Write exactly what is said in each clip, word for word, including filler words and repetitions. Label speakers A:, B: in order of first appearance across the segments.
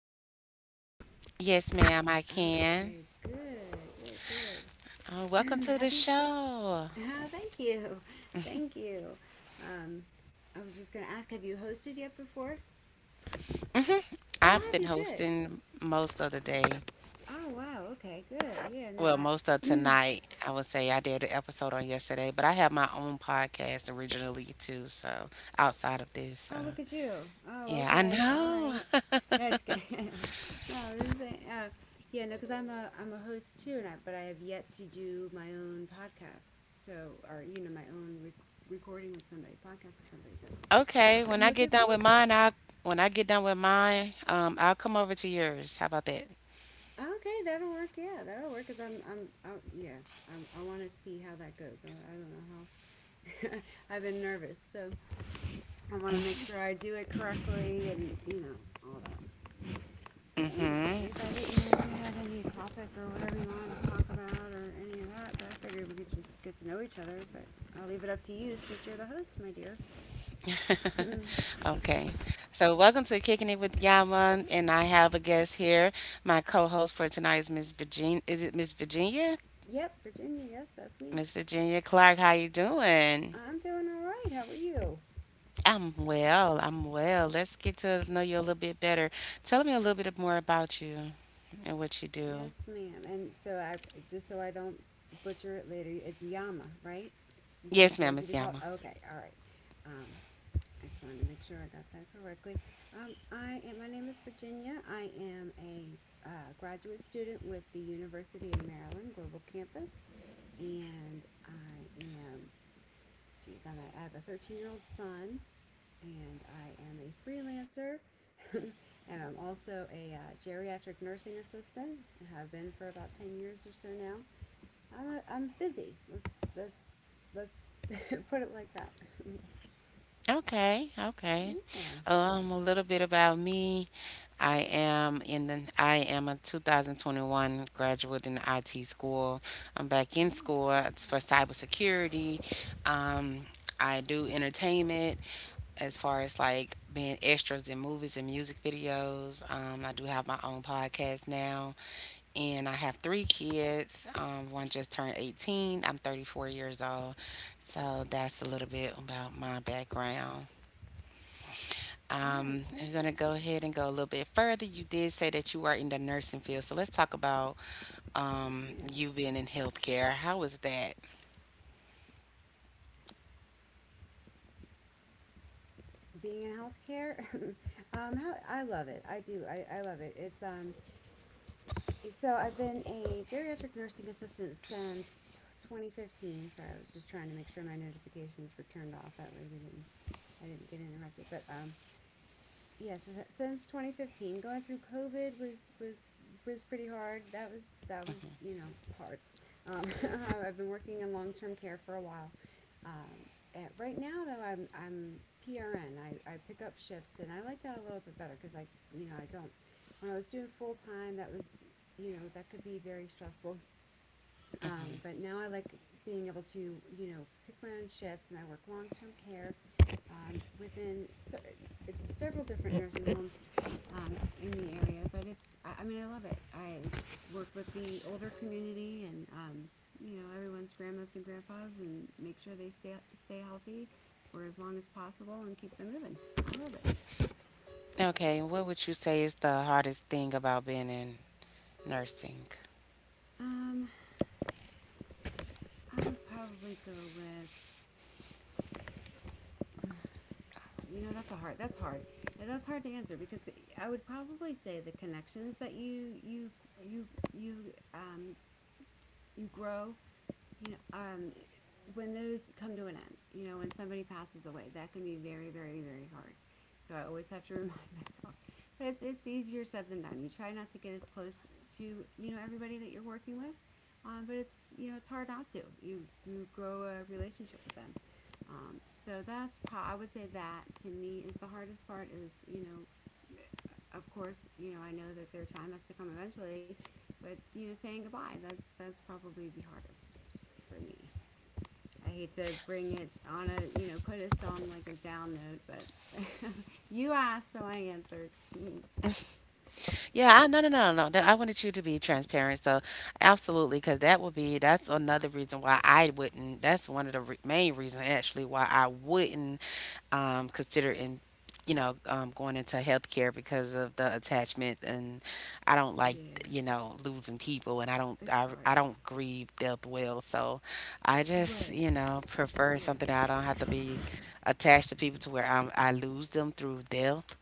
A: me okay?
B: Yes, ma'am, I
A: Okay,
B: can.
A: good, good, good.
B: Oh, welcome
A: have
B: to
A: you?
B: the show.
A: Ah, thank you. Thank you. Um, I was just going to ask, have you hosted yet before? Oh,
B: I've
A: have
B: been
A: you? Good.
B: hosting most of the day.
A: Oh, wow. Okay, good. Yeah, no,
B: Well, most of
A: I.
B: tonight, I would say I did the episode on yesterday, but I have my own podcast originally too, so outside of
A: oh,
B: this.
A: look
B: So,
A: at you. Oh,
B: yeah, I
A: okay. All right.
B: know.
A: That's good. no, I was just saying. Uh, yeah, no, because I'm a I'm a host too, and I, but I have yet to do my own podcast. So, or you know, my own rec- recording with somebody, podcast with somebody. So,
B: Okay, when
A: I'm
B: I get
A: looking
B: done with
A: forward to
B: mine,
A: it.
B: I'll when I get done with mine, um, I'll come over to yours. How about that?
A: Okay, that'll work. Yeah, that'll work. Cause I'm, I'm, I, yeah, I'm, I want to see how that goes. I, I don't know how. I've been nervous, so I want to make sure I do it correctly and you know all that. But anyways,
B: Mm-hmm.
A: I didn't know you had any topic or whatever you wanted to talk about or any of that. But I figured we could just get to know each other. But I'll leave it up to you since you're the host, my dear.
B: Okay, so welcome to Kicking It with Yama, and I have a guest here. My co-host for tonight is Miss Virginia. Is it Miss Virginia?
A: yep, Virginia. Yes, that's me.
B: Miss Virginia Clark, how you doing?
A: I'm doing all right. How are you?
B: I'm well. I'm well. Let's get to know you a little bit better. Tell me a little bit more about you and what you do.
A: Yes, ma'am. And so I just so I don't butcher it later, it's Yama, right? Is that what
B: Yes,
A: you
B: ma'am,
A: like to
B: Miss
A: be called?
B: Yama.
A: Okay, all right. Um, I just wanted to make sure I got that correctly. Um, I am. My name is Virginia. I am a uh, graduate student with the University of Maryland Global Campus, and I am. Geez, I'm a, I have a thirteen year old son and I am a freelancer. and I'm also a uh, geriatric nursing assistant. I have been for about ten years or so now. I'm, a, I'm busy. Let's, let's, let's put it like that.
B: Okay, okay.
A: yeah.
B: Um, a little bit about me. I am in the, I am a two thousand twenty-one graduate in I T school. I'm back in
A: Oh,
B: school.
A: good
B: It's for
A: job.
B: cybersecurity. Um, I do entertainment as far as like being extras in movies and music videos. Um, I do have my own podcast now, and I have three kids. Um, one just turned eighteen. I'm thirty-four years old. So that's a little bit about my background. Um,
A: That's
B: I'm going to
A: good.
B: go ahead and go a little bit further. You did say that you are in the nursing field, so let's talk about um,
A: Yes,
B: you
A: ma'am.
B: being in healthcare. How was that?
A: Being in healthcare, um, how, I love it. I do. I, I love it. It's um, So I've been a geriatric nursing assistant since twenty fifteen. Sorry, I was just trying to make sure my notifications were turned off. That way we didn't, I didn't get interrupted. But um, yes, yeah, so since twenty fifteen, going through COVID was was was pretty hard. That was that was you know hard. Um, I've been working in long term care for a while. Um, and right now, though, I'm I'm P R N. I, I pick up shifts, and I like that a little bit better because I you know I don't. When I was doing full time, that was you know that could be very stressful. Um, but now I like being able to, you know, pick my own shifts, and I work long-term care um, within se- several different nursing homes um, in the area. But it's, I, I mean, I love it. I work with the older community, and um, you know, everyone's grandmas and grandpas, and make sure they stay stay healthy for as long as possible and keep them moving. I love it.
B: Okay, what would you say is the hardest thing about being in nursing?
A: Um, I would probably go with you know, that's a hard. That's hard. And that's hard to answer because I would probably say the connections that you you you you um you grow you know, um, when those come to an end, you know, when somebody passes away, that can be very, very, very hard. So I always have to remind myself. But it's it's easier said than done. You try not to get as close to you know everybody that you're working with, um, but it's you know it's hard not to. You you grow a relationship with them. Um, so that's pro- I would say that to me is the hardest part. Is you know. uh, Of course, you know I know that their time has to come eventually, but you know saying goodbye that's that's probably the hardest for me. I hate to bring it on a, you know, put us on like a down note, but you asked, so I answered. Mm,
B: Yeah, I, no, no, no, no, no. I wanted you to be transparent. So, absolutely, because that would be that's another reason why I wouldn't. That's one of the re- main reasons actually why I wouldn't, um, consider in, you know um, going into healthcare because of the attachment, and I don't like,
A: yeah,
B: you know losing people, and I don't
A: it's
B: I,
A: hard.
B: I don't grieve death well. So, I just,
A: Right.
B: you know prefer something
A: Yeah.
B: that I don't have to be attached to people to where I'm, I lose them through death,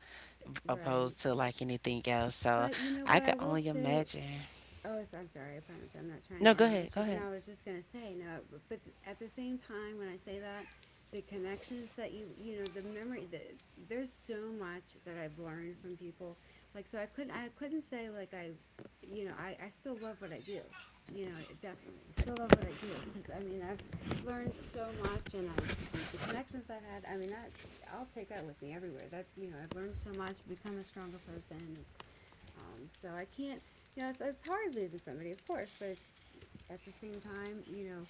A: Right.
B: opposed to like anything else. So
A: But you know
B: I
A: what I
B: could
A: will
B: only
A: say.
B: imagine.
A: Oh, so I'm sorry. I promise I'm not trying
B: No,
A: to
B: go ahead.
A: interrupt
B: Go
A: you. But no,
B: ahead.
A: I was just gonna say no. But, at the same time, when I say that, the connections that you you know the memory that there's so much that I've learned from people. Like so, I couldn't I couldn't say like I, you know, I I still love what I do. You know, definitely still love what I do because I mean I've learned so much and I the connections I've had. I mean that I'll take that with me everywhere. That you know I've learned so much, become a stronger person. And, um, so I can't, you know, it's, it's hard losing somebody, of course, but it's at the same time, you know,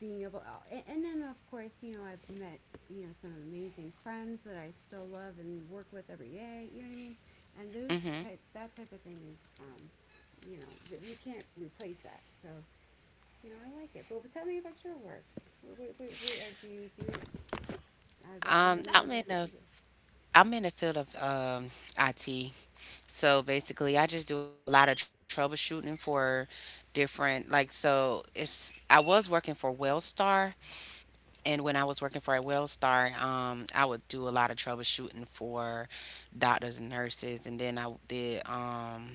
A: being able, and, and then of course, you know, I've met, you know, some amazing friends that I still love and work with every day. You know what I mean? And those
B: hmm
A: type, that type of thing is, um, you know, th- you can't replace that. So, you know, I like it. But tell me about your work. What, what, what, what or do you do? I'd love to
B: Um,
A: hear more
B: I'm in
A: about what you
B: the
A: do.
B: I'm in the field of um, I T. So basically, I just do a lot of troubleshooting for different, like so it's I was working for Wellstar, and when I was working for a Wellstar, um I would do a lot of troubleshooting for doctors and nurses. And then I did um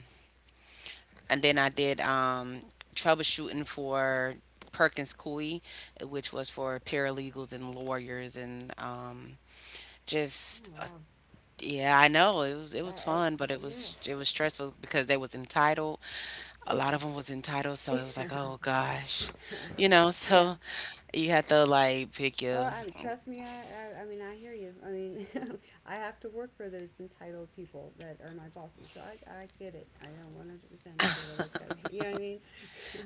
B: and then I did, um, troubleshooting for Perkins Coie, which was for paralegals and lawyers, and um,
A: Oh,
B: just uh,
A: wow!
B: yeah, I know, it was it
A: I,
B: was
A: I
B: fun, but it
A: yeah,
B: was it was stressful because they was entitled. A
A: it's.
B: lot of them was entitled, so it was like, oh gosh, you know.
A: yeah.
B: So you had to like pick
A: Oh,
B: your,
A: I trust me. I, I, I mean, I hear you. I mean, I have to work for those entitled people that are my bosses. So I, I get it. I know one hundred percent. I get it. That's got to be. You know what I mean?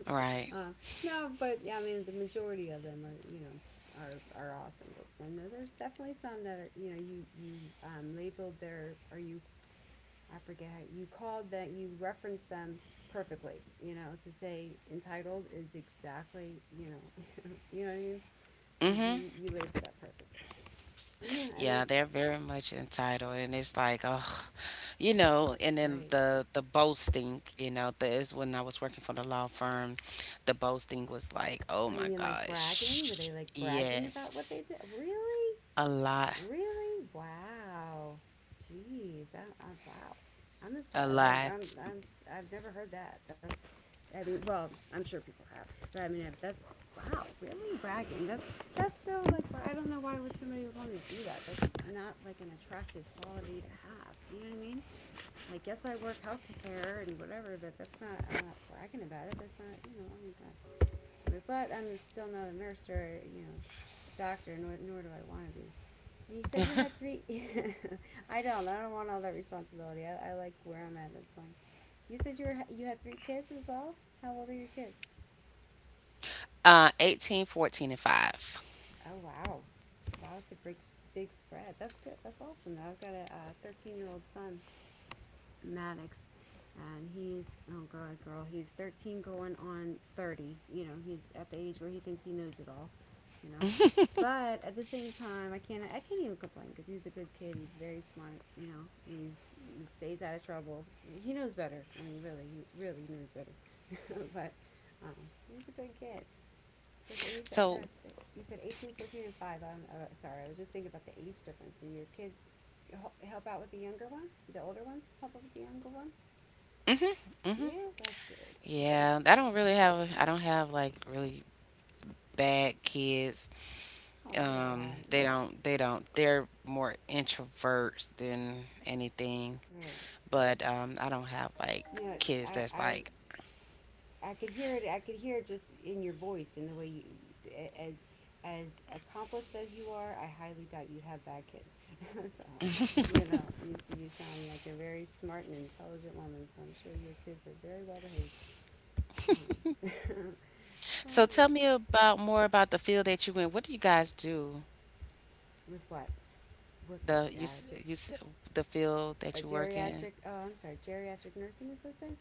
B: right.
A: uh, no, but yeah, I mean, the majority of them are, you know, are are awesome. But, and then there's definitely some that are, you know, you you um, labeled their or you. I forget how you called that you referenced them perfectly. You know, to say entitled is exactly you know, you know what I mean you
B: Mm-hmm.
A: you, you labeled that perfectly. and
B: Yeah,
A: then,
B: they're very much entitled, and it's like, oh, you know, and then
A: right.
B: the the boasting, you know, the, is when I was working for the law firm, the boasting was like, oh
A: Oh, you
B: my
A: mean like bragging? Were
B: gosh,
A: they like bragging about what
B: yes,
A: they did? Really?
B: a lot,
A: Really? Wow. Jeez. I, I, wow. I'm
B: a
A: impressed. I'm,
B: lot,
A: I'm, I'm, s- I've never heard that. That's, I mean, well, I'm sure people have, but I mean, uh, that's wow, really bragging. That's that's so like I don't know why would somebody would want to do that. That's not like an attractive quality to have. You know what I mean? Like, yes, I work healthcare and whatever, but that's not, I'm not bragging about it. That's not, you know, oh my God. But I'm still not a nurse or, you know, doctor, nor, nor do I want to be. And you said you had three. I don't. I don't want all that responsibility. I, I like where I'm at. That's fine. You said you were you had three kids as well. How old are your kids?
B: uh, eighteen, fourteen, and five.
A: Oh, wow, wow, that's a big big spread. That's good. That's awesome. Now I've got a uh, thirteen year old son Maddox, and he's oh god, girl, he's thirteen going on thirty. You know, he's at the age where he thinks he knows it all. You know, but at the same time, I can't I can't even complain because he's a good kid. He's very smart. You know, he's he stays out of trouble. He knows better. I mean, really, he really knows better. but um, he's a good kid. Okay, you said
B: So
A: God, you said eighteen, fourteen, and five. I'm uh, sorry, I was just thinking about the age difference. Do your kids help out with the younger ones? The older ones help out with the younger one. Yeah, that's good.
B: yeah,
A: That's
B: I
A: good.
B: don't really have, I don't have like really bad kids.
A: Oh yeah,
B: um
A: well,
B: they
A: I,
B: don't they don't They're more introverts than anything,
A: yeah, right.
B: but um I don't have like
A: No,
B: kids that's
A: I, I,
B: like.
A: I could hear it. I could hear it just in your voice and the way you, as, as accomplished as you are, I highly doubt you'd have bad kids. so, you know, you, s- you sound like a very smart and intelligent woman. So I'm sure your kids are very well behaved. Um,
B: So
A: hmm,
B: tell me about more about the field that you in. What do you guys do?
A: with what? What field?
B: the you
A: Yeah,
B: s-
A: ge-
B: you s- the field that
A: a
B: you work in?
A: geriatric. Oh, I'm sorry, geriatric nursing assistant.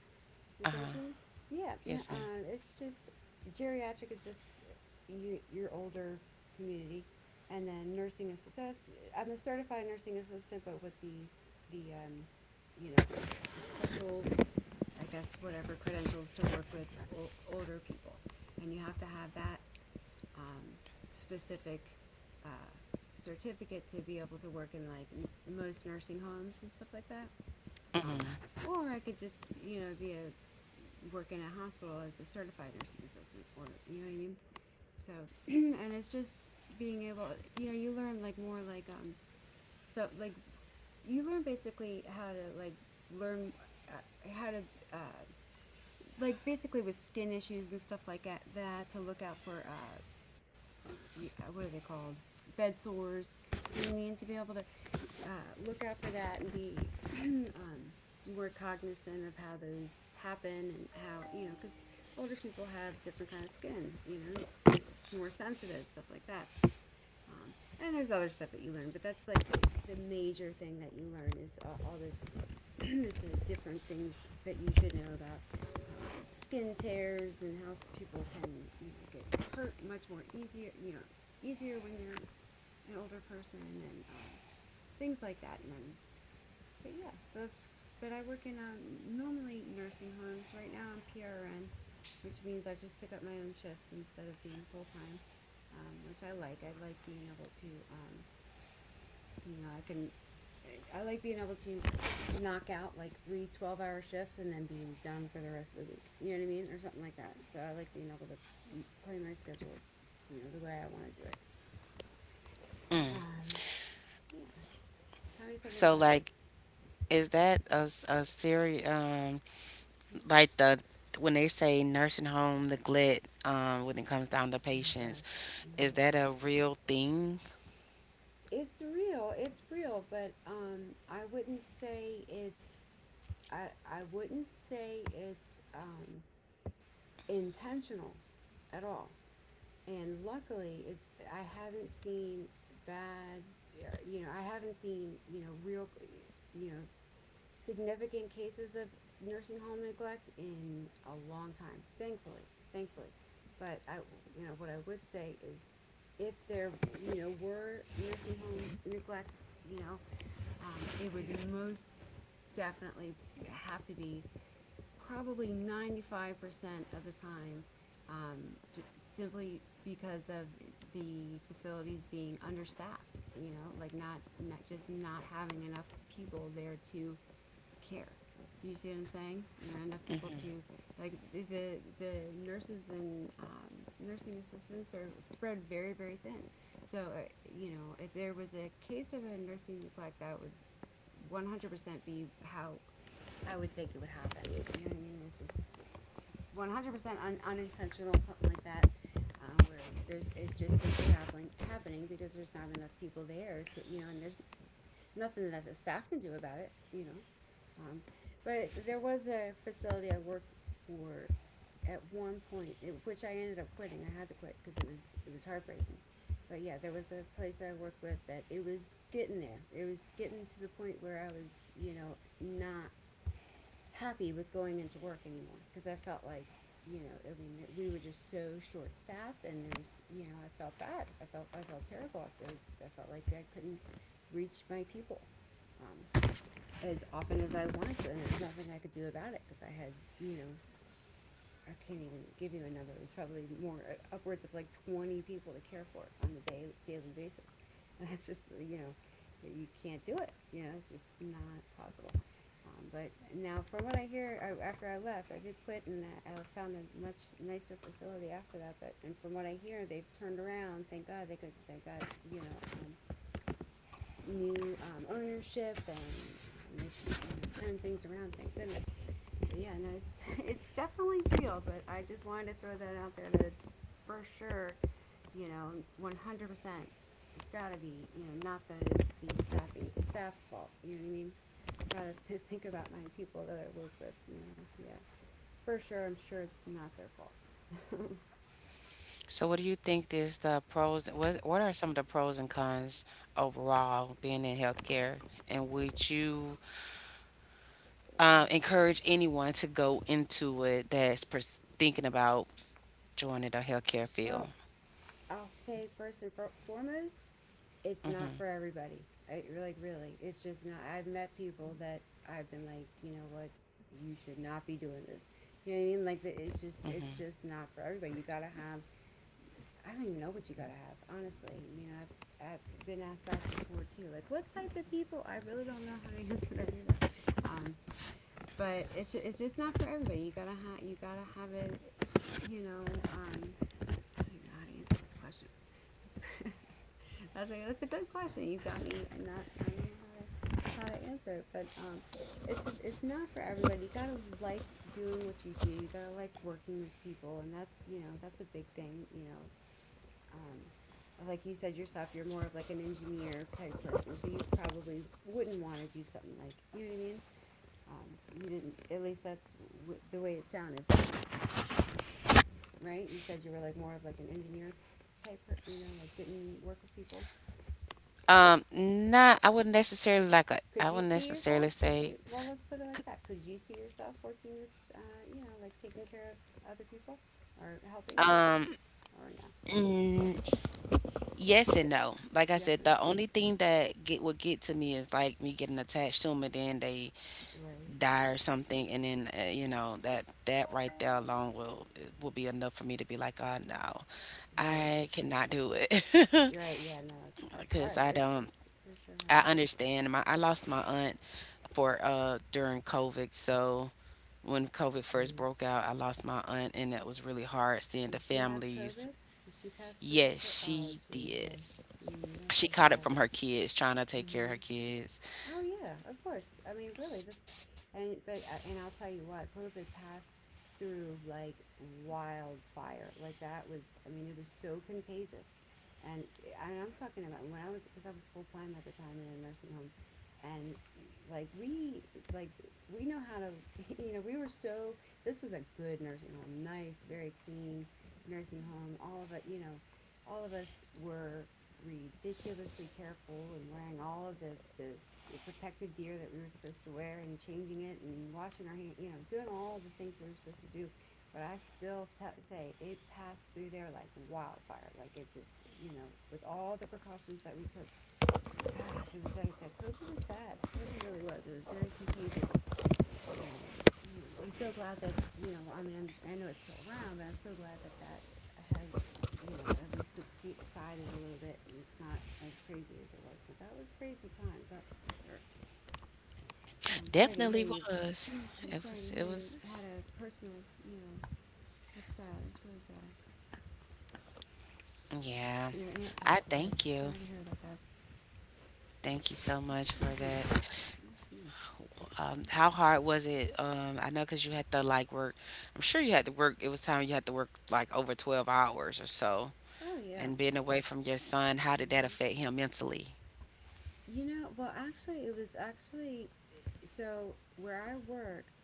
A: Is that what you mean? Yeah. No,
B: Yes, ma'am.
A: um, it's just geriatric is just you, your older community, and then nursing assistant. So it's, I'm a certified nursing assistant, but with the s- the um, you know the special, I guess whatever credentials to work with o- older people, and you have to have that um, specific. Uh, certificate to be able to work in like m- most nursing homes and stuff like that um,
B: hmm
A: or I could just you know be a work in a hospital as a certified nursing assistant or you know what I mean? So and it's just being able, you know, you learn like more like um stuff like you learn basically how to like learn uh, how to uh, like basically with skin issues and stuff like that, that to look out for, uh, yeah, what are they called? Bed sores. You know what I mean? To be able to uh, look out for that and be um, more cognizant of how those happen and how, you know, because older people have different kind of skin. You know, it's, it's more sensitive stuff like that. Um, and there's other stuff that you learn, but that's like the, the major thing that you learn is all, all the the different things that you should know about skin tears and how people can, you know, get hurt much more easier, you know, easier when they're an older person, and um, things like that. And then but yeah, so that's but I work in um, normally nursing homes. Right now I'm P R N, which means I just pick up my own shifts instead of being full time. Um, which I like. I like being able to um, you know, I can, I like being able to knock out like three hour shifts and then being done for the rest of the week. You know what I mean? Or something like that. So I like being able to play my schedule, you know, the way I want to do it. Um, yeah. Tell me something
B: so
A: about you.
B: like, is that a, s- a serious, um like
A: Mm-hmm.
B: the, when they say nursing home neglect, um when it comes down to
A: Oh,
B: patients,
A: gosh.
B: is
A: Mm.
B: that a real thing?
A: It's real. It's real. But um, I wouldn't say it's, I, I wouldn't say it's um, intentional at all. And luckily it, I haven't seen bad, uh, you know, I haven't seen, you know, real, you know, significant cases of nursing home neglect in a long time, thankfully, thankfully. But I, you know what I would say is if there, you know, were nursing home neglect, you know, um, it would most definitely have to be probably ninety-five percent of the time, um, j- simply because of the facilities being understaffed, you know, like not, not just not having enough people there to care. Do you see what I'm saying? You know, enough people
B: Mm-hmm.
A: to like the the nurses and um, nursing assistants are spread very very thin. So uh, you know, if there was a case of a nursing neglect, that would one hundred percent be how I would think it would happen. You know what I mean? It's just one hundred percent un- unintentional, something like that, uh, where there's, it's just simply happening happening because there's not enough people there to, you know, and there's nothing that the staff can do about it. You know, um, but there was a facility I worked for at one point, it, which I ended up quitting. I had to quit because it was it was heartbreaking. But yeah, there was a place that I worked with that it was getting there. It was getting to the point where I was, you know, not happy with going into work anymore because I felt like, you know, I mean, that we were just so short staffed, and there was, you know, I felt bad. I felt I felt terrible. I felt, I felt like I couldn't reach my people Um, as often as I wanted to, and there's nothing I could do about it because I had, you know, I can't even give you a number. It was probably more, uh, upwards of like twenty people to care for on the day, daily basis. And that's just, you know, you can't do it. You know, it's just not possible. Um, but now, from what I hear, I, after I left, I did quit, and I, I found a much nicer facility after that. But and from what I hear, they've turned around. Thank God they could. They got, you know, um, new, um, ownership and, um, you know, turned things around. Thank goodness. But yeah, no, it's it's definitely real. But I just wanted to throw that out there that it's for sure, you know, one hundred percent. It's got to be, you know, not the the staffing staff's fault. You know what I mean? Got to th- think about my people that I work with. You know, yeah, for sure. I'm sure it's not their fault.
B: So, what do you think is the pros? What what are some of the pros and cons overall being in healthcare? And would you, uh, encourage anyone to go into it that's pers- thinking about joining the healthcare field?
A: Well, I'll say first and for- foremost, it's not for everybody. I, like, really, it's just not. I've met people that I've been like, you know what, you should not be doing this. You know what I mean? Like the, it's just it's just not for everybody. You gotta have. I don't even know what you gotta have. Honestly, you know, I've, I've been asked that before too. Like, what type of people? I really don't know how to answer that either. Um, but it's just, it's just not for everybody. You gotta have you gotta have it. You know, um, I don't even know how to answer this question. That's okay. I was like, that's a good question. You got me. I'm not, I don't know how to, how to answer it, but um, it's just, it's not for everybody. You gotta like doing what you do. You gotta like working with people, and that's, you know, that's a big thing. You know, um, like you said yourself, you're more of like an engineer type person, so you probably wouldn't want to do something like, you know what I mean? Um, you didn't. At least that's w- the way it sounded, right? You said you were like more of like an engineer type, you know, like didn't work with people.
B: Um, not. I wouldn't necessarily like. A, I
A: Could you
B: wouldn't
A: see
B: necessarily
A: yourself? Could
B: say.
A: you? Well, let's put it like that. Could you see yourself working with, uh, you know, like taking care of other people, or helping taking care, or no?
B: Yes
A: That's
B: and
A: it.
B: no. Like I
A: Yes
B: said,
A: or no?
B: the only thing that get would get to me is like me getting attached to them, and then they
A: Right,
B: die or something, and then, uh, you know that that right there alone will will be enough for me to be like, oh no,
A: right.
B: I cannot do it.
A: You're right. Yeah, no, it's it's hard.
B: because I
A: It's it's
B: don't
A: for sure hard.
B: I understand my I lost my aunt for uh during COVID. So when
A: Ah,
B: COVID first
A: jeez,
B: broke
A: oh,
B: out, I lost my aunt, and that was really hard seeing the
A: did she have
B: families.
A: COVID? Did she pass from? Co-
B: Yes,
A: oh,
B: she
A: jeez,
B: did.
A: yeah. Mm, that's
B: She
A: so
B: caught it
A: sad.
B: from her kids trying to take care of her
A: Mm-hmm.
B: kids.
A: Oh yeah, of course. I mean, really, that's, and but uh, and I'll tell you what, COVID passed through like wildfire. Like that was, I mean, it was so contagious. And, and I'm talking about when I was, because I was full time at the time in a nursing home, and like we like we know how to you know we were so, this was a good nursing home, nice, very clean nursing home. All of it, you know, all of us were ridiculously careful and wearing all of the, the the protective gear that we were supposed to wear and changing it and washing our hands, you know, doing all the things we were supposed to do. But I still t- say it passed through there like wildfire. Like it just, you know, with all the precautions that we took, gosh, it was like that COVID was bad. COVID really was. It was very contagious. And, you know, I'm so glad that, you know, I mean, I'm, I know it's still around, but I'm so glad that that has, you know, at least subsided a little bit and it's not as crazy as it was because that was crazy times, that's for sure. I'm sorry to hear
B: Definitely
A: you.
B: was.
A: I'm
B: It
A: sorry to
B: was, it
A: hear you
B: was
A: had a personal, you know, that's sad. That's really sad.
B: yeah.
A: Your aunt
B: I
A: passed away.
B: thank you.
A: Sorry to hear about that.
B: Thank you so much
A: Mm-hmm.
B: for that.
A: That's good.
B: Um, how hard was it? Um, I know, because you had to like work. I'm sure you had to work. It was time you had to work like over twelve hours or so.
A: Oh yeah.
B: And being away from your son, how did that
A: Mm-hmm.
B: affect him mentally?
A: You know, well, actually, it was actually so where I worked,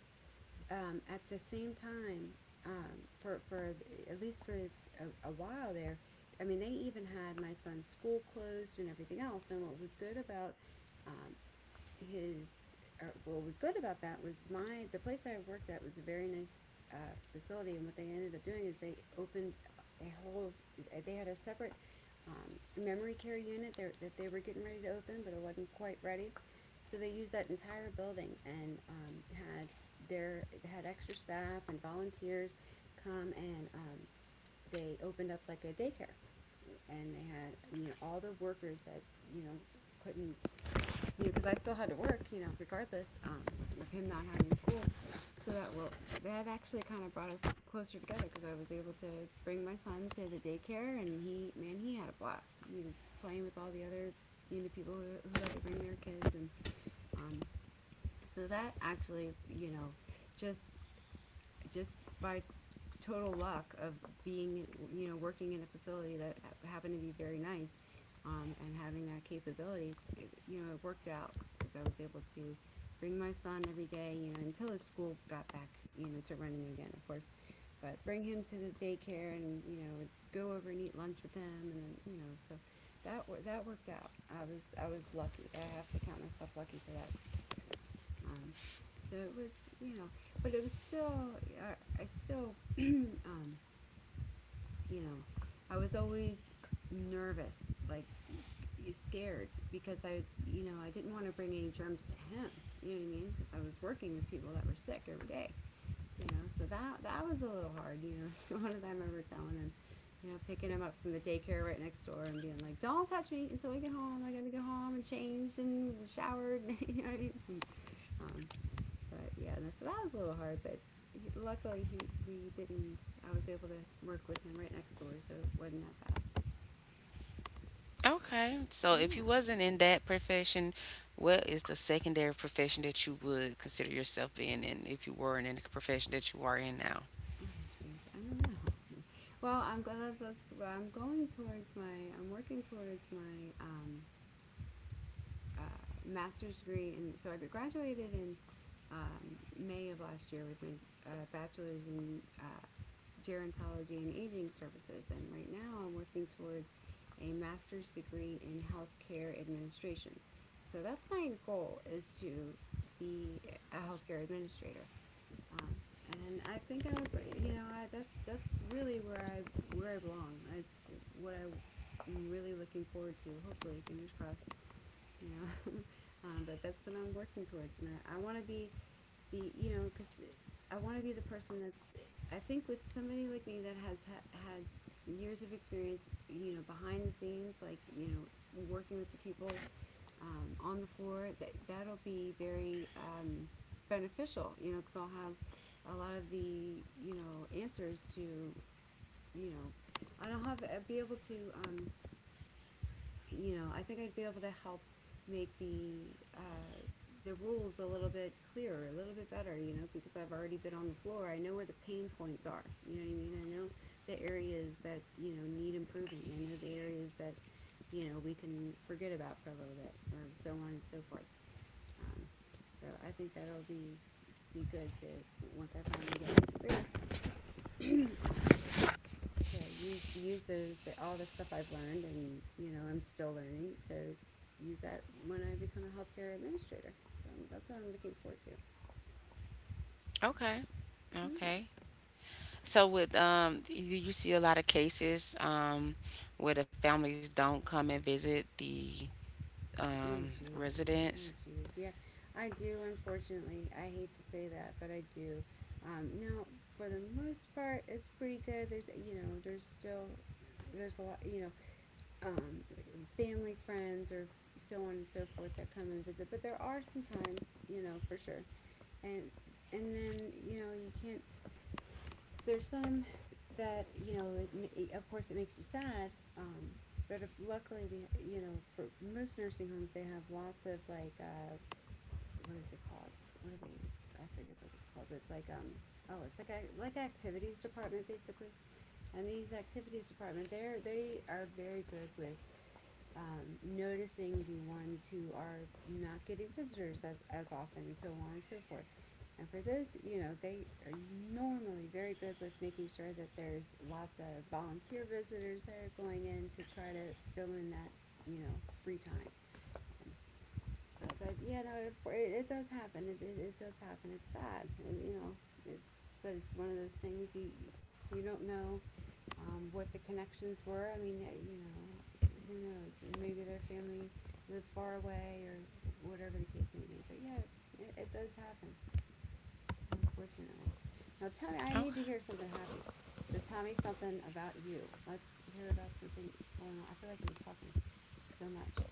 A: um, at the same time, um, for for at least for a, a while there. I mean, they even had my son's school closed and everything else. And what was good about um, his uh, what was good about that was my the place I worked at was a very nice, uh, facility, and what they ended up doing is they opened a whole. They had a separate, um, memory care unit there that they were getting ready to open, but it wasn't quite ready. So they used that entire building and um, had their had extra staff and volunteers come and, um, they opened up like a daycare, and they had, you know, all the workers that, you know, couldn't, you know, because I still had to work, you know, regardless um, of him not having school. So that well, that actually kind of brought us closer together because I was able to bring my son to the daycare, and he, man, he had a blast. He was playing with all the other, you know, people who, who had to bring their kids. And um, so that actually, you know, just just by total luck of being, you know, working in a facility that ha- happened to be very nice. Um, and having that capability, it, you know, it worked out because I was able to bring my son every day, you know, until his school got back, you know, to running again, of course. But bring him to the daycare and, you know, go over and eat lunch with him and then, you know, so that wor- that worked out. I was I was lucky. I have to count myself lucky for that. Um, so it was, you know, but it was still I, I still um, you know, I was always nervous, like scared, because I, you know, I didn't want to bring any germs to him. You know what I mean? Because I was working with people that were sick every day. You know, so that that was a little hard. You know, so one of them I remember telling him, you know, picking him up from the daycare right next door and being like, "Don't touch me until we get home. I gotta go home and changed and showered." you know what I mean? Mm, Um, but yeah, no, so that was a little hard, but he, luckily he we didn't. I was able to work with him right next door, so it wasn't that bad.
B: Okay, so if
A: Yeah.
B: you wasn't in that profession, what is the secondary profession that you would consider yourself being in if you weren't in the profession that you are in now?
A: Oh, jeez, I don't know. Well, I'm glad that's. Well, I'm going towards my. I'm working towards my um, uh, master's degree, and so I graduated in um, May of last year with my uh, bachelor's in uh, gerontology and aging services. And right now, I'm working towards a master's degree in healthcare administration. So that's my goal, is to be a healthcare administrator. Um, and I think I would, you know, I, that's that's really where I where I belong. It's what I I'm really looking forward to. Hopefully, fingers crossed. You know, um, but that's what I'm working towards, and I, I want to be the you know because I want to be the person that's, I think, with somebody like me that has ha- had years of experience, you know, behind the scenes, like you know, working with the people um, on the floor. That that'll be very um, beneficial, you know, because I'll have a lot of the you know answers to you know, and I'll have uh, be able to um, you know, I think I'd be able to help make the uh, the rules a little bit clearer, a little bit better, you know, because I've already been on the floor. I know where the pain points are. You know what I mean? I know the areas that, you know, need improving. I know the areas that, you know, we can forget about for a little bit or so on and so forth. Um, so I think that'll be be good to, once I finally get into grade, to use use those, the, all the stuff I've learned and you know I'm still learning, to use that when I become a healthcare administrator. So um, that's what I'm looking forward to.
B: Okay,
A: Yeah.
B: okay. So with, um, you, you see a lot of cases, um, where the families don't come and visit the, um,
A: Oh jeez.
B: residents.
A: Oh jeez. Yeah. I do, unfortunately. I hate to say that, but I do. Um, now, for the most part, it's pretty good. There's you know there's still there's a lot you know um, family, friends, or so on and so forth that come and visit, but there are sometimes, you know, for sure. And and then you know you can't. There's some that you know, it, it, of course, it makes you sad. Um, but if, luckily, we you know, for most nursing homes, they have lots of like uh, what is it called? What are they? I forget what it's called, but it's like um oh, it's like a, like activities department basically. And these activities department, they're they are very good with um, noticing the ones who are not getting visitors as, as often and so on and so forth. And for those, you know, they are normally very good with making sure that there's lots of volunteer visitors that are going in to try to fill in that, you know, free time. Um, so, but yeah, no, it, it, does happen. It, it, it does happen. It's sad, uh, you know. It's But it's one of those things, you you don't know um, what the connections were. I mean, you know, who knows? Maybe their family lived far away or whatever the case may be. But yeah, it, it does happen, unfortunately. Now tell me, I
B: Okay.
A: need to hear something happy. So tell me something about you. Let's hear about something going on. I feel like I'm talking so much.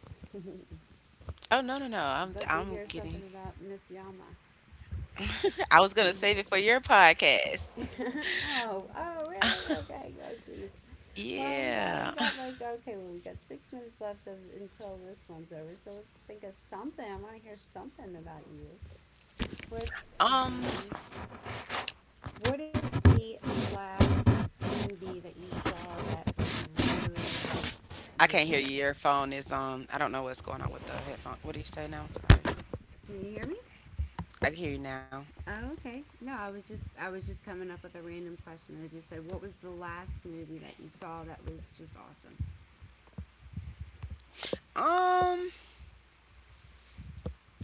B: Oh, no, no, no! I'm
A: I'd love to
B: I'm
A: hear
B: kidding.
A: something about Miss Yama.
B: I was gonna save it for your podcast.
A: oh, oh, really? Okay. Oh, geez. Well, we got we
B: Yeah.
A: got like okay, well we got six minutes left of, until this one's over. So let's think of something. I want to hear something about you. What's
B: Um,
A: um, what is the last movie that you saw that really you
B: I
A: were
B: can't
A: just
B: hear
A: like,
B: you. Your phone is on. I don't know what's going on with the headphone. What do you say now? I'm sorry.
A: can you hear me?
B: I can hear you now.
A: Oh, okay. No, I was just I was just coming up with a random question. I just said, what was the last movie that you saw that was just awesome?
B: Um,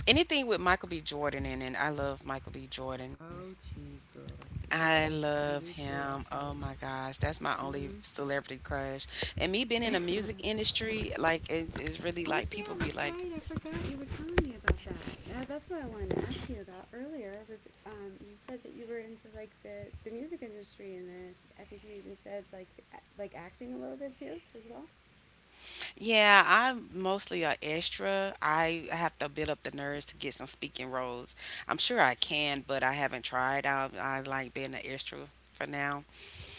B: Anything with Michael B. Jordan in it. I love Michael B. Jordan.
A: Oh, jeez, girl. Yes,
B: I
A: I I do
B: love
A: too,
B: him.
A: actually.
B: Oh my gosh, that's my
A: Mm-hmm.
B: only celebrity crush. And me being in the music industry, like it is really
A: Oh
B: like people
A: yeah,
B: be
A: that's
B: like,
A: right. I forgot you were telling me about that. That that's what I wanted to ask you about earlier. Was um, you said that you were into like the, the music industry and the I think you even said like the, like acting a little bit too as well.
B: "Yeah, I'm mostly a extra. I have to build up the nerves to get some speaking roles. I'm sure I can, but I haven't tried. I I like being an extra for now,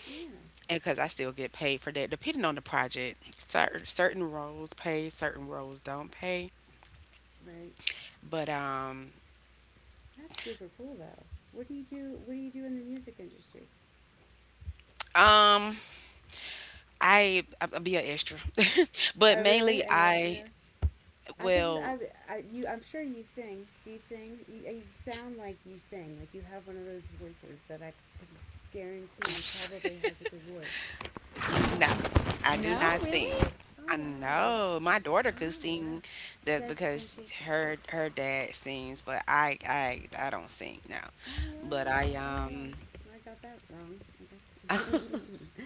A: Yeah,
B: and because I still get paid for that, depending on the project. Certain certain roles pay, certain roles don't pay.
A: right.
B: But um,
A: That's super cool though. What do you do? What do you do in the music industry?
B: um. I I'll be an extra, but
A: Oh really?
B: mainly
A: Another.
B: I
A: Another I could just
B: well
A: I, I you I'm sure you sing. Do you sing? You, you sound like you sing. Like you have one of those voices that I can guarantee probably has a good voice.
B: no, I do
A: No,
B: not sing.
A: really? Oh
B: I
A: wow.
B: know my daughter could
A: Oh wow.
B: sing, that
A: Does can
B: because
A: she?
B: her her dad sings, but I I I don't sing now.
A: Oh
B: But
A: wow.
B: I
A: Oh
B: um
A: wow. I got that wrong, I guess.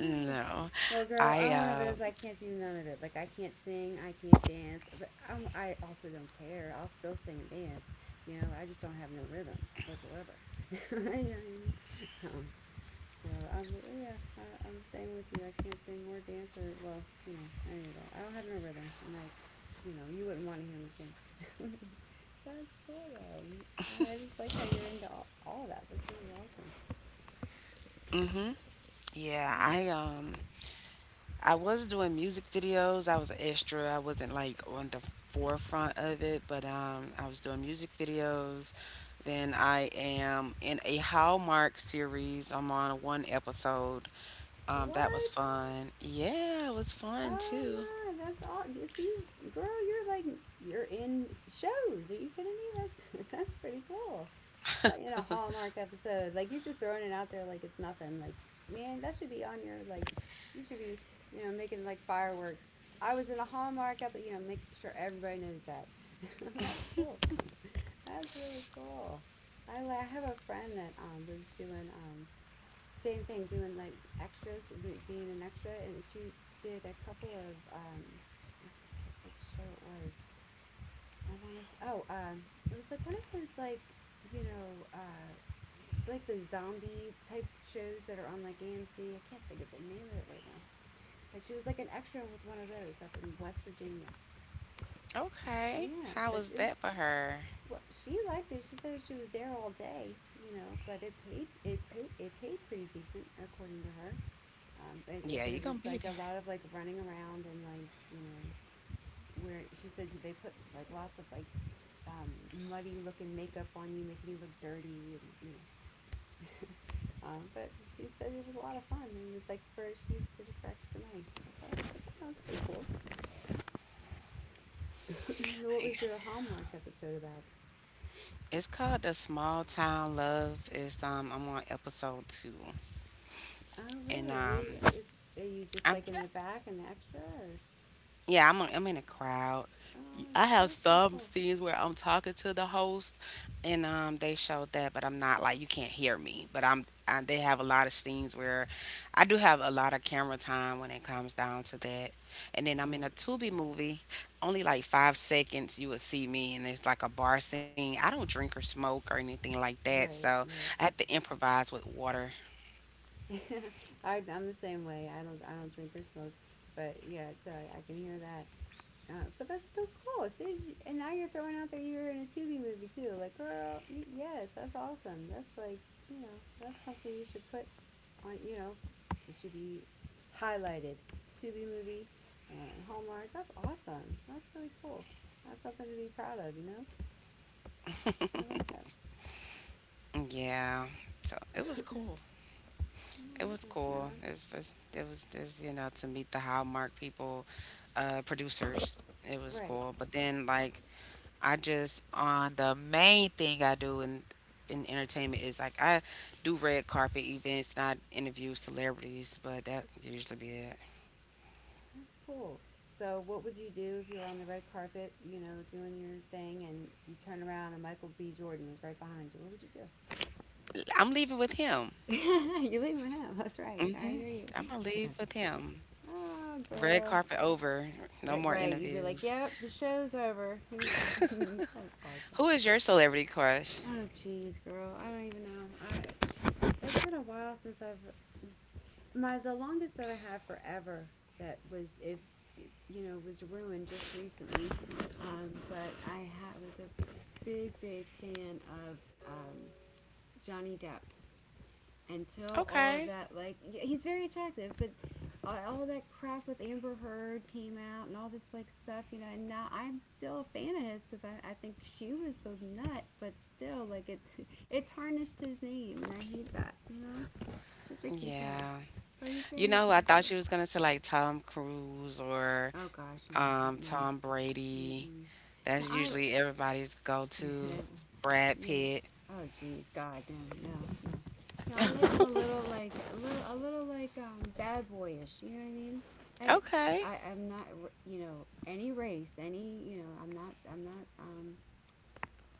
A: Ah. Well, girl,
B: I
A: I'm one of
B: uh
A: those. I can't do none of it. Like I can't sing. I can't dance. But I'm, I also don't care. I'll still sing and dance. You know, I just don't have no rhythm whatsoever. you know what I mean? Um, So I'm yeah, I, I'm staying with you. I can't sing or dance or well, you know, any of that. I don't have no rhythm, and I, you know, you wouldn't want to hear me sing. That's cool though. I I just like how you're into all, all of that. That's really awesome.
B: mm-hmm yeah, I um I was doing music videos. I was an extra. I wasn't like on the forefront of it, but um, I was doing music videos. Then I am in a Hallmark series. I'm on one episode. Um, that was
A: What?
B: fun. Yeah, it was fun too.
A: Oh my, that's all. You see, girl, you're like you're in shows. Are you kidding me? That's that's pretty cool. It's like in a Hallmark episode. Like you're just throwing it out there like it's nothing. Like man, that should be on your like. You should be you know making like fireworks. I was in a Hallmark episode. You know, make sure everybody knows that. that's cool. That's really cool. I, I have a friend that um, was doing um, same thing, doing like extras, m- being an extra, and she did a couple of um, I forget what show it was. I want to. S- Oh, um, It was like one of those like you know. Uh, like the zombie type shows that are on like A M C. I can't think of the name of it right now. But she was like an extra with one of those up in West Virginia.
B: Okay,
A: Yeah,
B: how
A: but
B: was
A: it was
B: that for her?
A: well, she liked it. She said she was there all day, you know, but it paid it paid it paid pretty decent according to her. Um, it, it,
B: Yeah,
A: but
B: you're
A: it was
B: gonna be
A: like
B: there.
A: a lot of like running around and like you know where. She said they put like lots of like um, muddy looking makeup on you, making you look dirty, and you know. Um, but she said it was a lot of fun. And It was like for she just did it for extra money. Like, "Oh, that was pretty cool." What was your Hallmark episode about?
B: It's called the Small Town Love. It's, um, I'm on episode two,
A: Oh,
B: and
A: really? What do
B: um,
A: you is? Are you just
B: I'm
A: like in the back and the extra, or
B: yeah, I'm I'm in a crowd.
A: oh,
B: I
A: it's
B: have
A: still so
B: some
A: cool.
B: scenes where I'm talking to the host, and um, they showed that, but I'm not like you can't hear me. But I'm I, they have a lot of scenes where I do have a lot of camera time when it comes down to that. And then I'm in a
A: Right,
B: Tubi movie, only like five seconds you would see me, and it's like a bar scene. I don't drink or smoke or anything like that,
A: right,
B: so
A: right.
B: I had to improvise with water.
A: I, I'm the same way. I don't I don't drink or smoke, but yeah, so I, I can hear that. Uh, but that's still cool. See, and now you're throwing out there you're in a Tubi movie too. Like, girl, y- yes, that's awesome. That's like you know that's something you should put on. You know, it should be highlighted. Tubi movie and Hallmark. That's awesome. That's really cool. That's something to be proud of. You know, I like that.
B: Yeah, so it was cool.
A: All
B: It
A: right,
B: was
A: Miss
B: cool.
A: Yama.
B: It's just, it was just, you know to meet the Hallmark people, uh, producers. It was
A: Right.
B: cool. But then like I just, on the main thing I do in in entertainment is like I do red carpet events and I interview celebrities, but that usually be it.
A: That's cool. So, what would you do if you were on the red carpet, you know, doing your thing, and you turn around and Michael B. Jordan was right behind you? What would you
B: I'm leaving with him.
A: do? You leave my house. That's right. I
B: hmm
A: hear you.
B: I'm gonna leave with him.
A: Oh,
B: Red
A: girl.
B: carpet over. No
A: Right,
B: more
A: right. You'd be like,
B: interviews.
A: yep, the show's over. Here's mine. That's awesome.
B: Who is your celebrity crush?
A: Oh, jeez, girl. I don't even know. I, it's been a while since I've. My the longest that I have forever that was it, you know was ruined just recently, um, but I ha- was a big big fan of um, Johnny Depp until all of
B: Okay.
A: that, like, yeah, he's very attractive, but all- that crap with Amber Heard came out and all this, like, stuff, you know, and now I'm still a fan of his because I, I think she was the nut, but still, like, it it tarnished his name, and I hate that, you know? It just makes me sad.
B: Yeah.
A: But he's
B: You
A: very
B: know, I thought
A: attractive.
B: you was gonna say like Tom Cruise or,
A: Oh, gosh, no, that,
B: um,
A: no.
B: Tom Brady.
A: Mm-mm. Now,
B: That's
A: I,
B: usually everybody's go-to. Brad
A: yeah.
B: Pitt.
A: Oh, jeez, God, no, no, no. No, I like I'm a little like a little a little like um, bad boyish. You know what I mean? And
B: Okay.
A: I, I'm not, you know, any race, any, you know, I'm not, I'm not, um,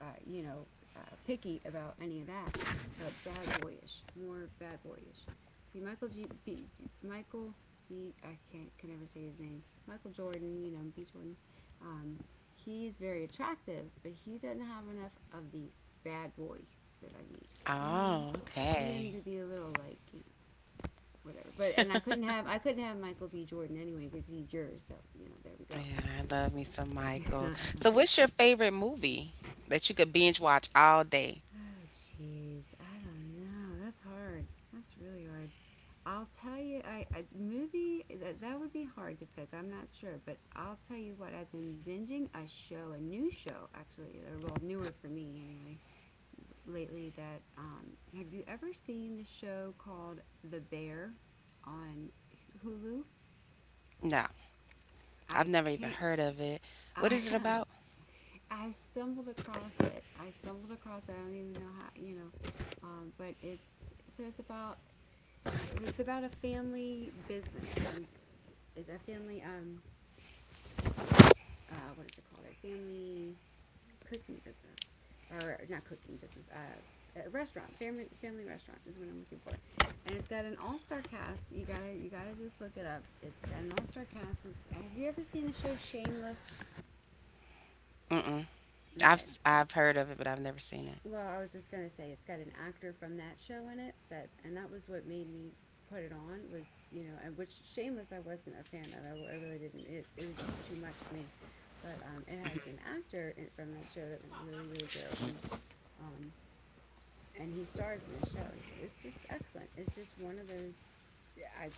A: uh, you know, uh, picky about any of that, but bad boyish, more bad boyish. See, Michael G. B, G Michael B. I can't can never say his name. Michael Jordan, you know, B. Jordan. Um, he's very attractive, but he doesn't have enough of the bad boy that I need. You know what I mean?
B: Oh,
A: Need him
B: okay.
A: to be a little like you know whatever. But and I couldn't have I couldn't have Michael B. Jordan anyway because he's yours. So you know there we
B: Yeah, I love me some Michael.
A: go.
B: So, what's your favorite movie that you could binge watch all day?
A: Oh, jeez. I don't know. That's hard. That's really hard. I'll tell you, I, a movie that that would be hard to pick. I'm not sure, but I'll tell you what. I've been binging a show, a new show actually. They're well newer for me anyway. Lately, that um, have you ever seen the show called The Bear on Hulu?
B: No, I've
A: I
B: never even
A: can't.
B: heard of it. What
A: I
B: is it about?
A: I stumbled across it. I stumbled across it. I don't even know how you know, um, but it's so it's about it's about a family business. and It's a family um uh what is it called? A family cooking business or not cooking business. Uh a restaurant, family family restaurant is what I'm looking for, and it's got an all star cast. You gotta you gotta just look it up. It's got an all star cast. It's, have you ever seen the show Shameless?
B: Mm-mm. I've
A: Okay,
B: I've heard of it, but I've never seen it.
A: well, I was just gonna say it's got an actor from that show in it that, and that was what made me put it on was you know, and which Shameless I wasn't a fan of. I, I really didn't. It it was just too much for me. But um, it has an actor in, from that show that was really really good, and um, and he stars in this show. And It's it's just excellent. It's just one of those. yeah, I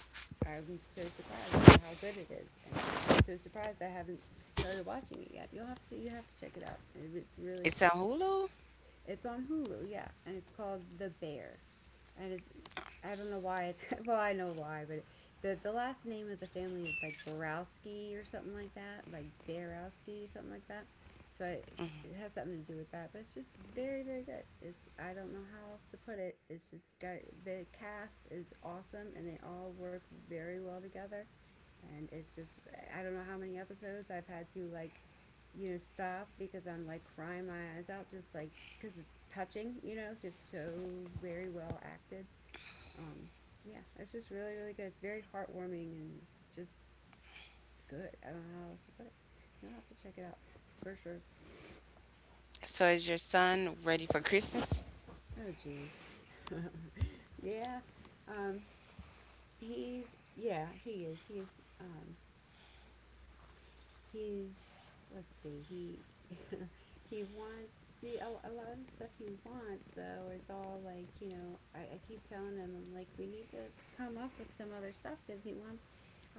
A: I'm so surprised by how good it is, and I'm so surprised I haven't started watching it yet. You'll have to you have to check it out. It's really
B: It's on Hulu.
A: it's on Hulu, yeah, and it's called The Bear, and it's I don't know why it's well I know why, but the the last name of the family is like Borowski or something like that, like Barowski, something like that. So I, it has something to do with that, but it's just very very good. It's I don't know how else to put it. It's just got the cast is awesome and they all work very well together and it's just I don't know how many episodes I've had to like you know stop because I'm like crying my eyes out just like because it's touching you know just so very well acted um yeah it's just really really good it's very heartwarming and just good I don't know how else to put it you'll have to check it out for sure.
B: So, is your son ready for Christmas?
A: Oh geez. Yeah um he's yeah he is he is um he's let's see he he wants see a, a lot of the stuff he wants though is all like you know I, I keep telling him I'm like we need to come up with some other stuff because he wants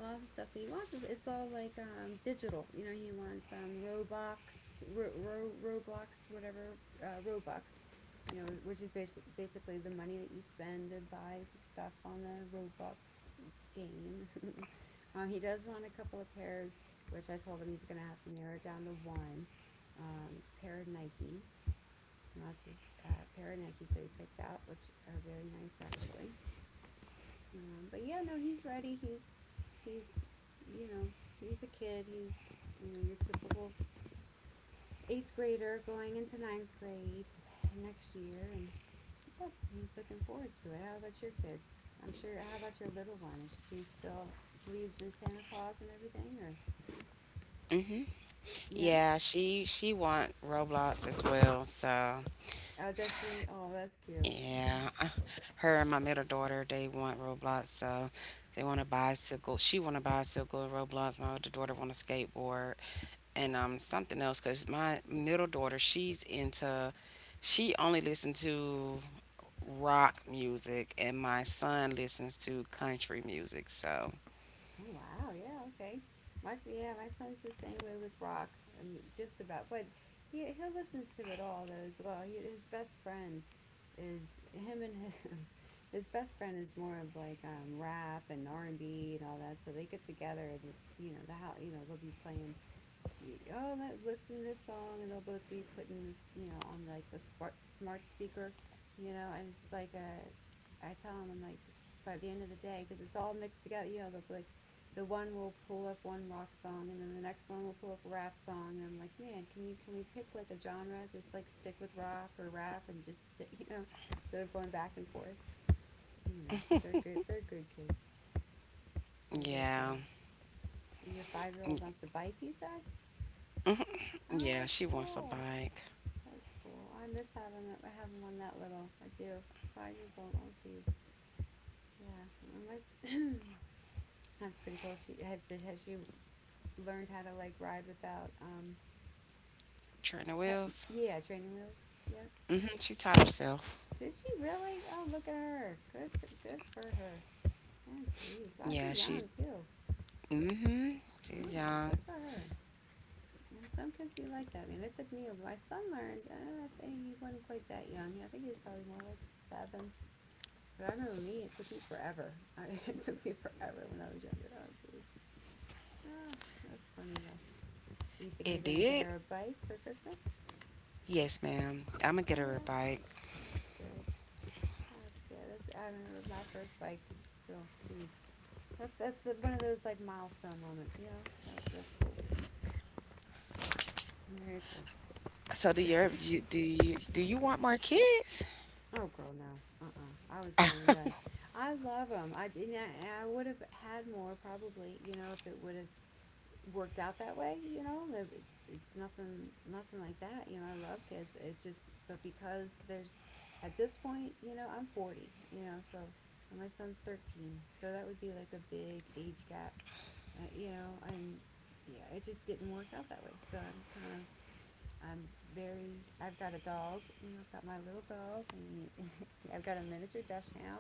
A: a lot of the stuff that he wants is it's all like um, digital you know he wants um, roblox ro- ro- roblox whatever uh, robux you know which is basi- basically the money that you spend to buy the stuff on the robux game. um, he does want a couple of pairs which I told him he's going to have to narrow it down to one um, pair of Nikes. He wants this uh, pair of Nikes that he picked out, which are very nice actually. Um, but yeah, no, he's ready. He's he's you know he's a kid. He's you know your typical eighth grader going into ninth grade next year, and yeah, he's looking forward to it. How about your kids? I'm sure. How about your little one? Is she still believes in Santa Claus and everything, or
B: Mm-hmm.
A: yeah?
B: Yeah, she she want Roblox as well. So
A: Oh, does she? Oh, that's cute.
B: yeah,
A: Mhm.
B: her and my middle daughter, they want Roblox. So they want to buy a bicycle. She want to buy a bicycle and Roblox. My older daughter want a skateboard and um something else. Cause my middle daughter, she's into she only listens to rock music, and my son listens to country music. So
A: Oh wow, yeah, okay. My s- yeah, my son's the same way with rock. I mean, just about, but he he listens to it all though as well. He, his best friend is him and his His best friend is more of like um, rap and R and B and all that. So they get together and you know the how you know they'll be playing you, oh, let, listen to this song, and they'll both be putting, this, you know, on like the smart smart speaker, you know, and it's like a, I tell them I'm like, by the end of the day, because it's all mixed together, you know, they'll be like, the one will pull up one rock song, and then the next one will pull up a rap song, and I'm like, man, can you can we pick like a genre, just like stick with rock or rap, and just stick, you know, instead of going back and forth, you know. But they're good, they're good kids, they're good
B: yeah,
A: kids. Your five year old wants a bike, you said? Oh,
B: yeah,
A: that's
B: she wants a
A: cool.
B: bike.
A: That's cool. I miss having that. Having one that little. I do. Five years old. Oh, geez. Yeah. my, that's pretty cool. She has. did- Has she learned how to like ride without um?
B: Trina
A: Pe-
B: Wills.
A: yeah, training wheels. Yep.
B: Mhm. She taught herself.
A: Did she really? Oh, look at her. Good for good for her. Oh, jeez. Wow, she's
B: Yeah, she
A: young too.
B: mm-hmm.
A: Oh,
B: It's young.
A: good for her. You know, some kids be like that, man. It took me. A My son learned. Uh, I think he wasn't quite that young. Yeah, I think he was probably more like seven. But I remember me, it took me forever. I, it took me forever when I was younger. Oh, jeez. Ah, that's funny, though. You think you're
B: It
A: going to get
B: did.
A: her a bike for Christmas?
B: Yes, ma'am. I'm gonna
A: Oh,
B: get her a
A: yeah.
B: bike.
A: That's good. That's good. That's, I remember my first bike still. Jeez. That's that's the, one of those, like, milestone moments, you know? That, that's cool. Very cool.
B: So do your you do you do you want more kids?
A: Oh, girl, no. Uh-uh. I was one and done. I love them. I, and I, I would have had more, probably, you know, if it would have worked out that way, you know. It's, it's nothing nothing like that, you know. I love kids. It's just but because there's at this point, you know, I'm forty, you know, so and my son's thirteen. So that would be like a big age gap, uh, you know, and yeah, it just didn't work out that way. So I'm kind of I'm very I've got a dog, you know, I've got my little dog and I've got a miniature dashhound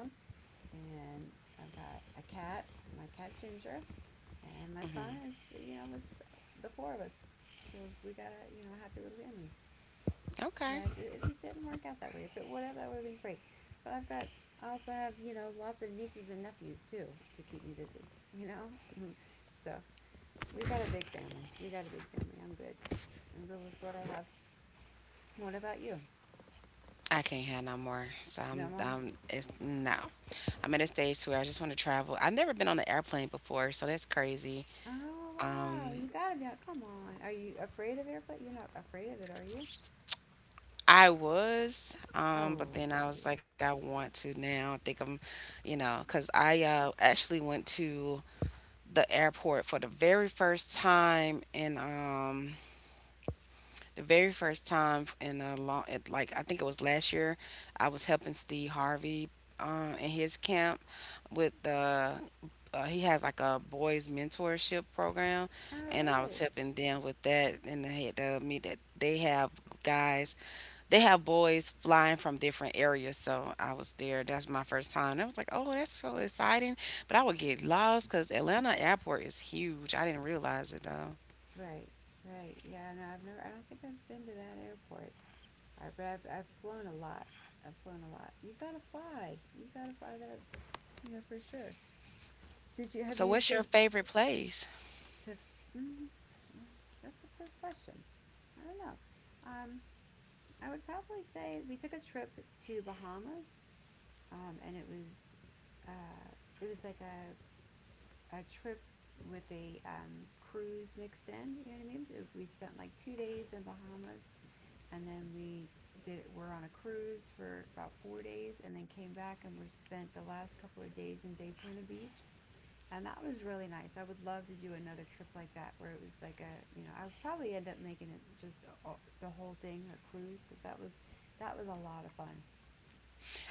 A: and I've got a cat, my cat Ginger, and my son is
B: hmm
A: you know it's the four of us so we got a you know a happy little family. And I
B: Okay.
A: just, it just didn't work out that way if it would have that would have been great but I've got I also have you know lots of nieces and nephews too to keep me busy you know. So we got a big family we got a big family I'm good I'm good with what I have what about you?
B: I can't have no more. So
A: No
B: I'm
A: more.
B: um it's no. I'm at a stage where I just want to travel. I've never been on an airplane before, so that's crazy.
A: Oh wow
B: Um
A: you gotta be out come on are you afraid of airplane you're not afraid of it are you?
B: I was, um,
A: Oh
B: but then
A: don't
B: I
A: be.
B: was like, I want to now. I think I'm, you know, because I, uh, actually went to the airport for the very first time in, um, the very first time in a long, it, like I think it was last year. I was helping Steve Harvey, uh, in his camp with the. Uh, he has like a boys mentorship program,
A: Oh
B: and I was
A: really?
B: helping them with that. And they had the me that they have guys, they have boys flying from different areas. So I was there. That's my first time. And I was like, oh, that's so exciting. But I would get lost because Atlanta Airport is huge. I didn't realize it though.
A: Right, right. Yeah, no, I've never. I don't think I've been to that airport. I, but I've I've flown a lot. I've flown a lot. You gotta fly. You gotta fly that. You know for sure. Did you have
B: So,
A: you
B: what's your
A: so
B: favorite place?
A: to? f- Mm, that's a good question. I don't know. Um, I would probably say we took a trip to Bahamas, um, and it was, uh, it was like a a trip with a um, cruise mixed in. You know what I mean? Uh, We spent like two days in Bahamas and then we did we're on a cruise for about four days, and then came back and we spent the last couple of days in Daytona Beach. And that was really nice. I would love to do another trip like that where it was like a, you know I would probably end up making it just a, the whole thing a cruise, because that was, that was a lot of fun.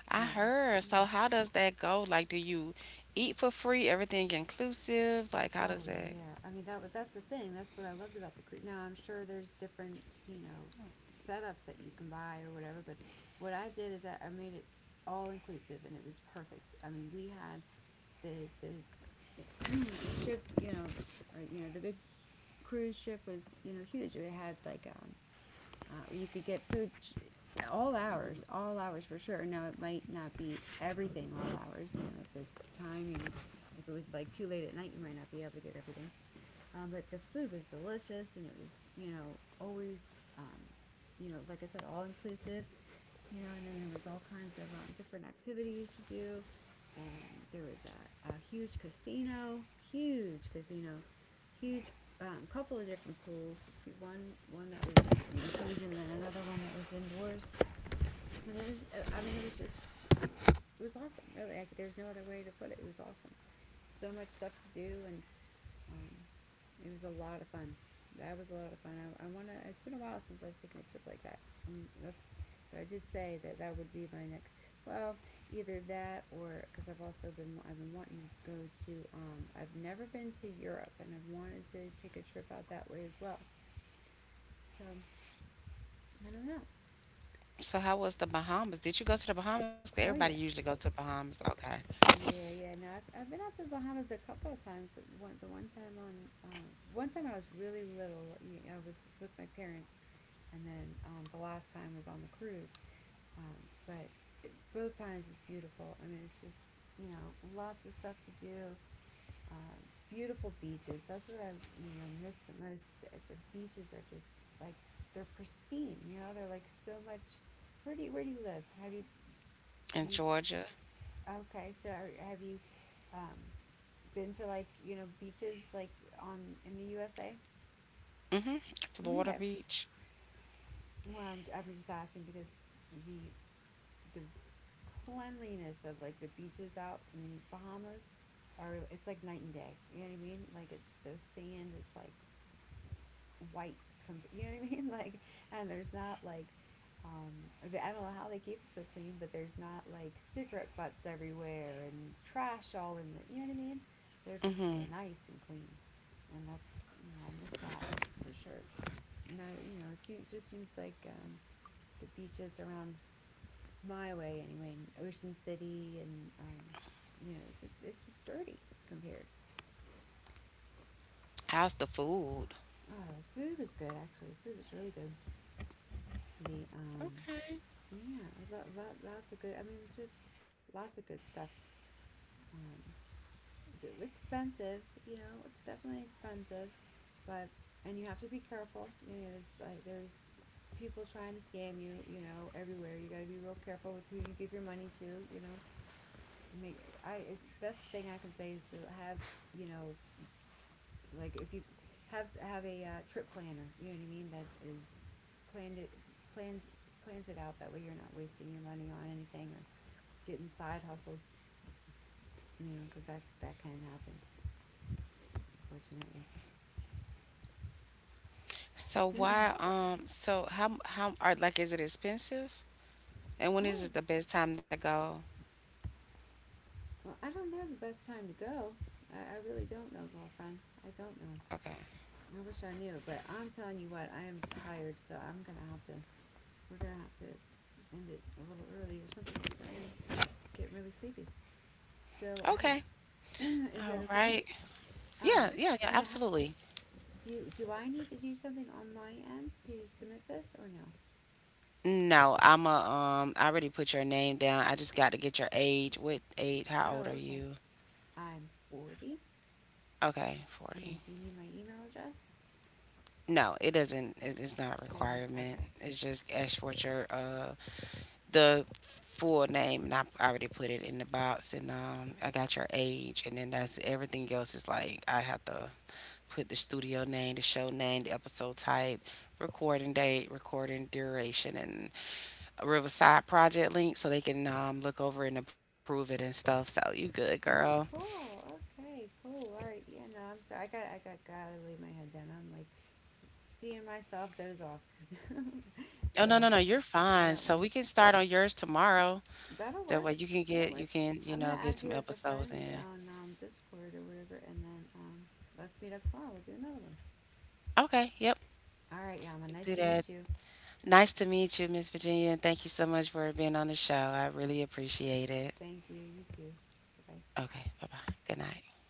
B: I
A: um,
B: heard.
A: yeah.
B: So how does that go? Like, do you eat for free, everything inclusive? Like, how
A: Oh
B: does that?
A: yeah, I mean that. wa- That's the thing. That's what I loved about the cruise. Now I'm sure there's different, you know, setups that you can buy or whatever. But what I did is I, I made it all inclusive, and it was perfect. I mean, we had the the the ship, you know, or you know, the big cruise ship was, you know, huge. We had like um, uh, you could get food ch- all hours, all hours for sure. Now it might not be everything all hours. You know, the timing. If it was like too late at night, you might not be able to get everything. Um, but the food was delicious, and it was, you know, always, um, you know, like I said, all inclusive. You know, and then there was all kinds of um, different activities to do, and there was a, a huge casino, huge casino, huge, um, couple of different pools. One one that was, you know, huge, and then another one that was indoors. I it was uh, I mean, it was just, it was awesome. Really, I c there's no other way to put it. It was awesome. So much stuff to do, and, um, it was a lot of fun. That was a lot of fun. I, I want to. It's been a while since I've taken a trip like that. Um, that's. But I did say that that would be my next. Well, either that, or because I've also been I've been wanting to go to. Um, I've never been to Europe, and I've wanted to take a trip out that way as well. So I don't know.
B: So how was the Bahamas? Did you go to the Bahamas? 'Cause
A: Oh
B: everybody
A: yeah,
B: usually go to Bahamas. Okay.
A: yeah, yeah. No, I've, I've been out to the Bahamas a couple of times. One the one time on um, one time I was really little. I was with my parents, and then um, the last time was on the cruise. Um, but it, both times is beautiful. I mean, it's just, you know, lots of stuff to do. Um, beautiful beaches. That's what I, you know, miss the most. The beaches are just like, they're pristine. You know, they're like so much. Where do you where do you live? Have you do you
B: In Georgia.
A: okay? So are, have you um, been to like, you know, beaches like on in the U S A?
B: Mm-hmm.
A: Okay.
B: Florida Beach.
A: Well, I'm, j- I'm just asking because the the cleanliness of like the beaches out in Bahamas are, it's like night and day. You know what I mean? Like it's, the sand is like white. You know what I mean? Like, and there's not like, um I don't know how they keep it so clean, but there's not like cigarette butts everywhere and trash all in the. You know what I mean? They're just
B: Mm-hmm.
A: nice and clean, and that's, you know, I miss that for sure. Not, you know, it just seems like, um, the beaches around my way anyway in Ocean City, and um, you know, it's just, it's just dirty compared.
B: How's the food?
A: Oh, the food was good actually. The food was really good. The um
B: Okay.
A: yeah, lot, lot, lots of good. I mean, just lots of good stuff. Um, it's expensive, you know. It's definitely expensive, but, and you have to be careful. You know, there's like there's people trying to scam you, you know, everywhere. You got to be real careful with who you give your money to, you know. Make I it, best thing I can say is to have, you know, like if you have have a uh, trip planner, you know what I mean, that is planned it plans plans it out, that way you're not wasting your money on anything or getting side hustled, you know, because that that can happen, unfortunately.
B: So why um so how how are like is it expensive? And when is
A: Oh,
B: it the best time to go?
A: well, I don't know the best time to go. I, I really don't know, girlfriend. I don't know.
B: Okay.
A: I wish I knew, but I'm telling you what, I am tired, so I'm gonna have to. We're gonna have to end it a little early or something because I get really sleepy. So I
B: Okay.
A: is that
B: All
A: okay?
B: right. Yeah,
A: Um,
B: yeah, yeah,
A: and now,
B: absolutely.
A: do you, do I need to do something on my end to submit this or no?
B: No, I'm a um I already put your name down. I just got to get your age. What age? How old
A: Oh,
B: are
A: okay.
B: you?
A: I'm forty.
B: Okay,
A: And then
B: forty.
A: do you need my email address?
B: No, it doesn't, it, it's not a
A: Good.
B: requirement.
A: Okay.
B: It's just ask for your, uh the full name, and I already put it in the box, and um I got your age, and then that's, everything else is like I have to put the studio name, the show name, the episode type, recording date, recording duration, and Riverside Project link so they can, um, look over and approve it and stuff. So you good, girl.
A: Oh, cool. Okay, cool. All right. Yeah, no, I'm sorry. I got I got gotta lay my head down. I'm like seeing myself doze off.
B: Oh, no,
A: So
B: no, no, you're
A: I
B: fine.
A: don't want
B: So
A: to.
B: we can start on yours tomorrow.
A: That'll
B: That way
A: work.
B: you can
A: That'll
B: get you
A: work.
B: can, you
A: I'm gonna
B: know, get
A: add
B: some
A: you as a
B: episodes
A: friend
B: in.
A: on um, Discord or whatever, and then, um, let's meet up tomorrow. We'll do another one.
B: Okay, yep.
A: All right, Yama. Nice
B: Do
A: to
B: that.
A: meet you.
B: Nice to meet you, Miss Virginia, and thank you so much for being on the show. I really appreciate it.
A: Thank you. You too. Bye bye.
B: Okay, bye bye. Good night.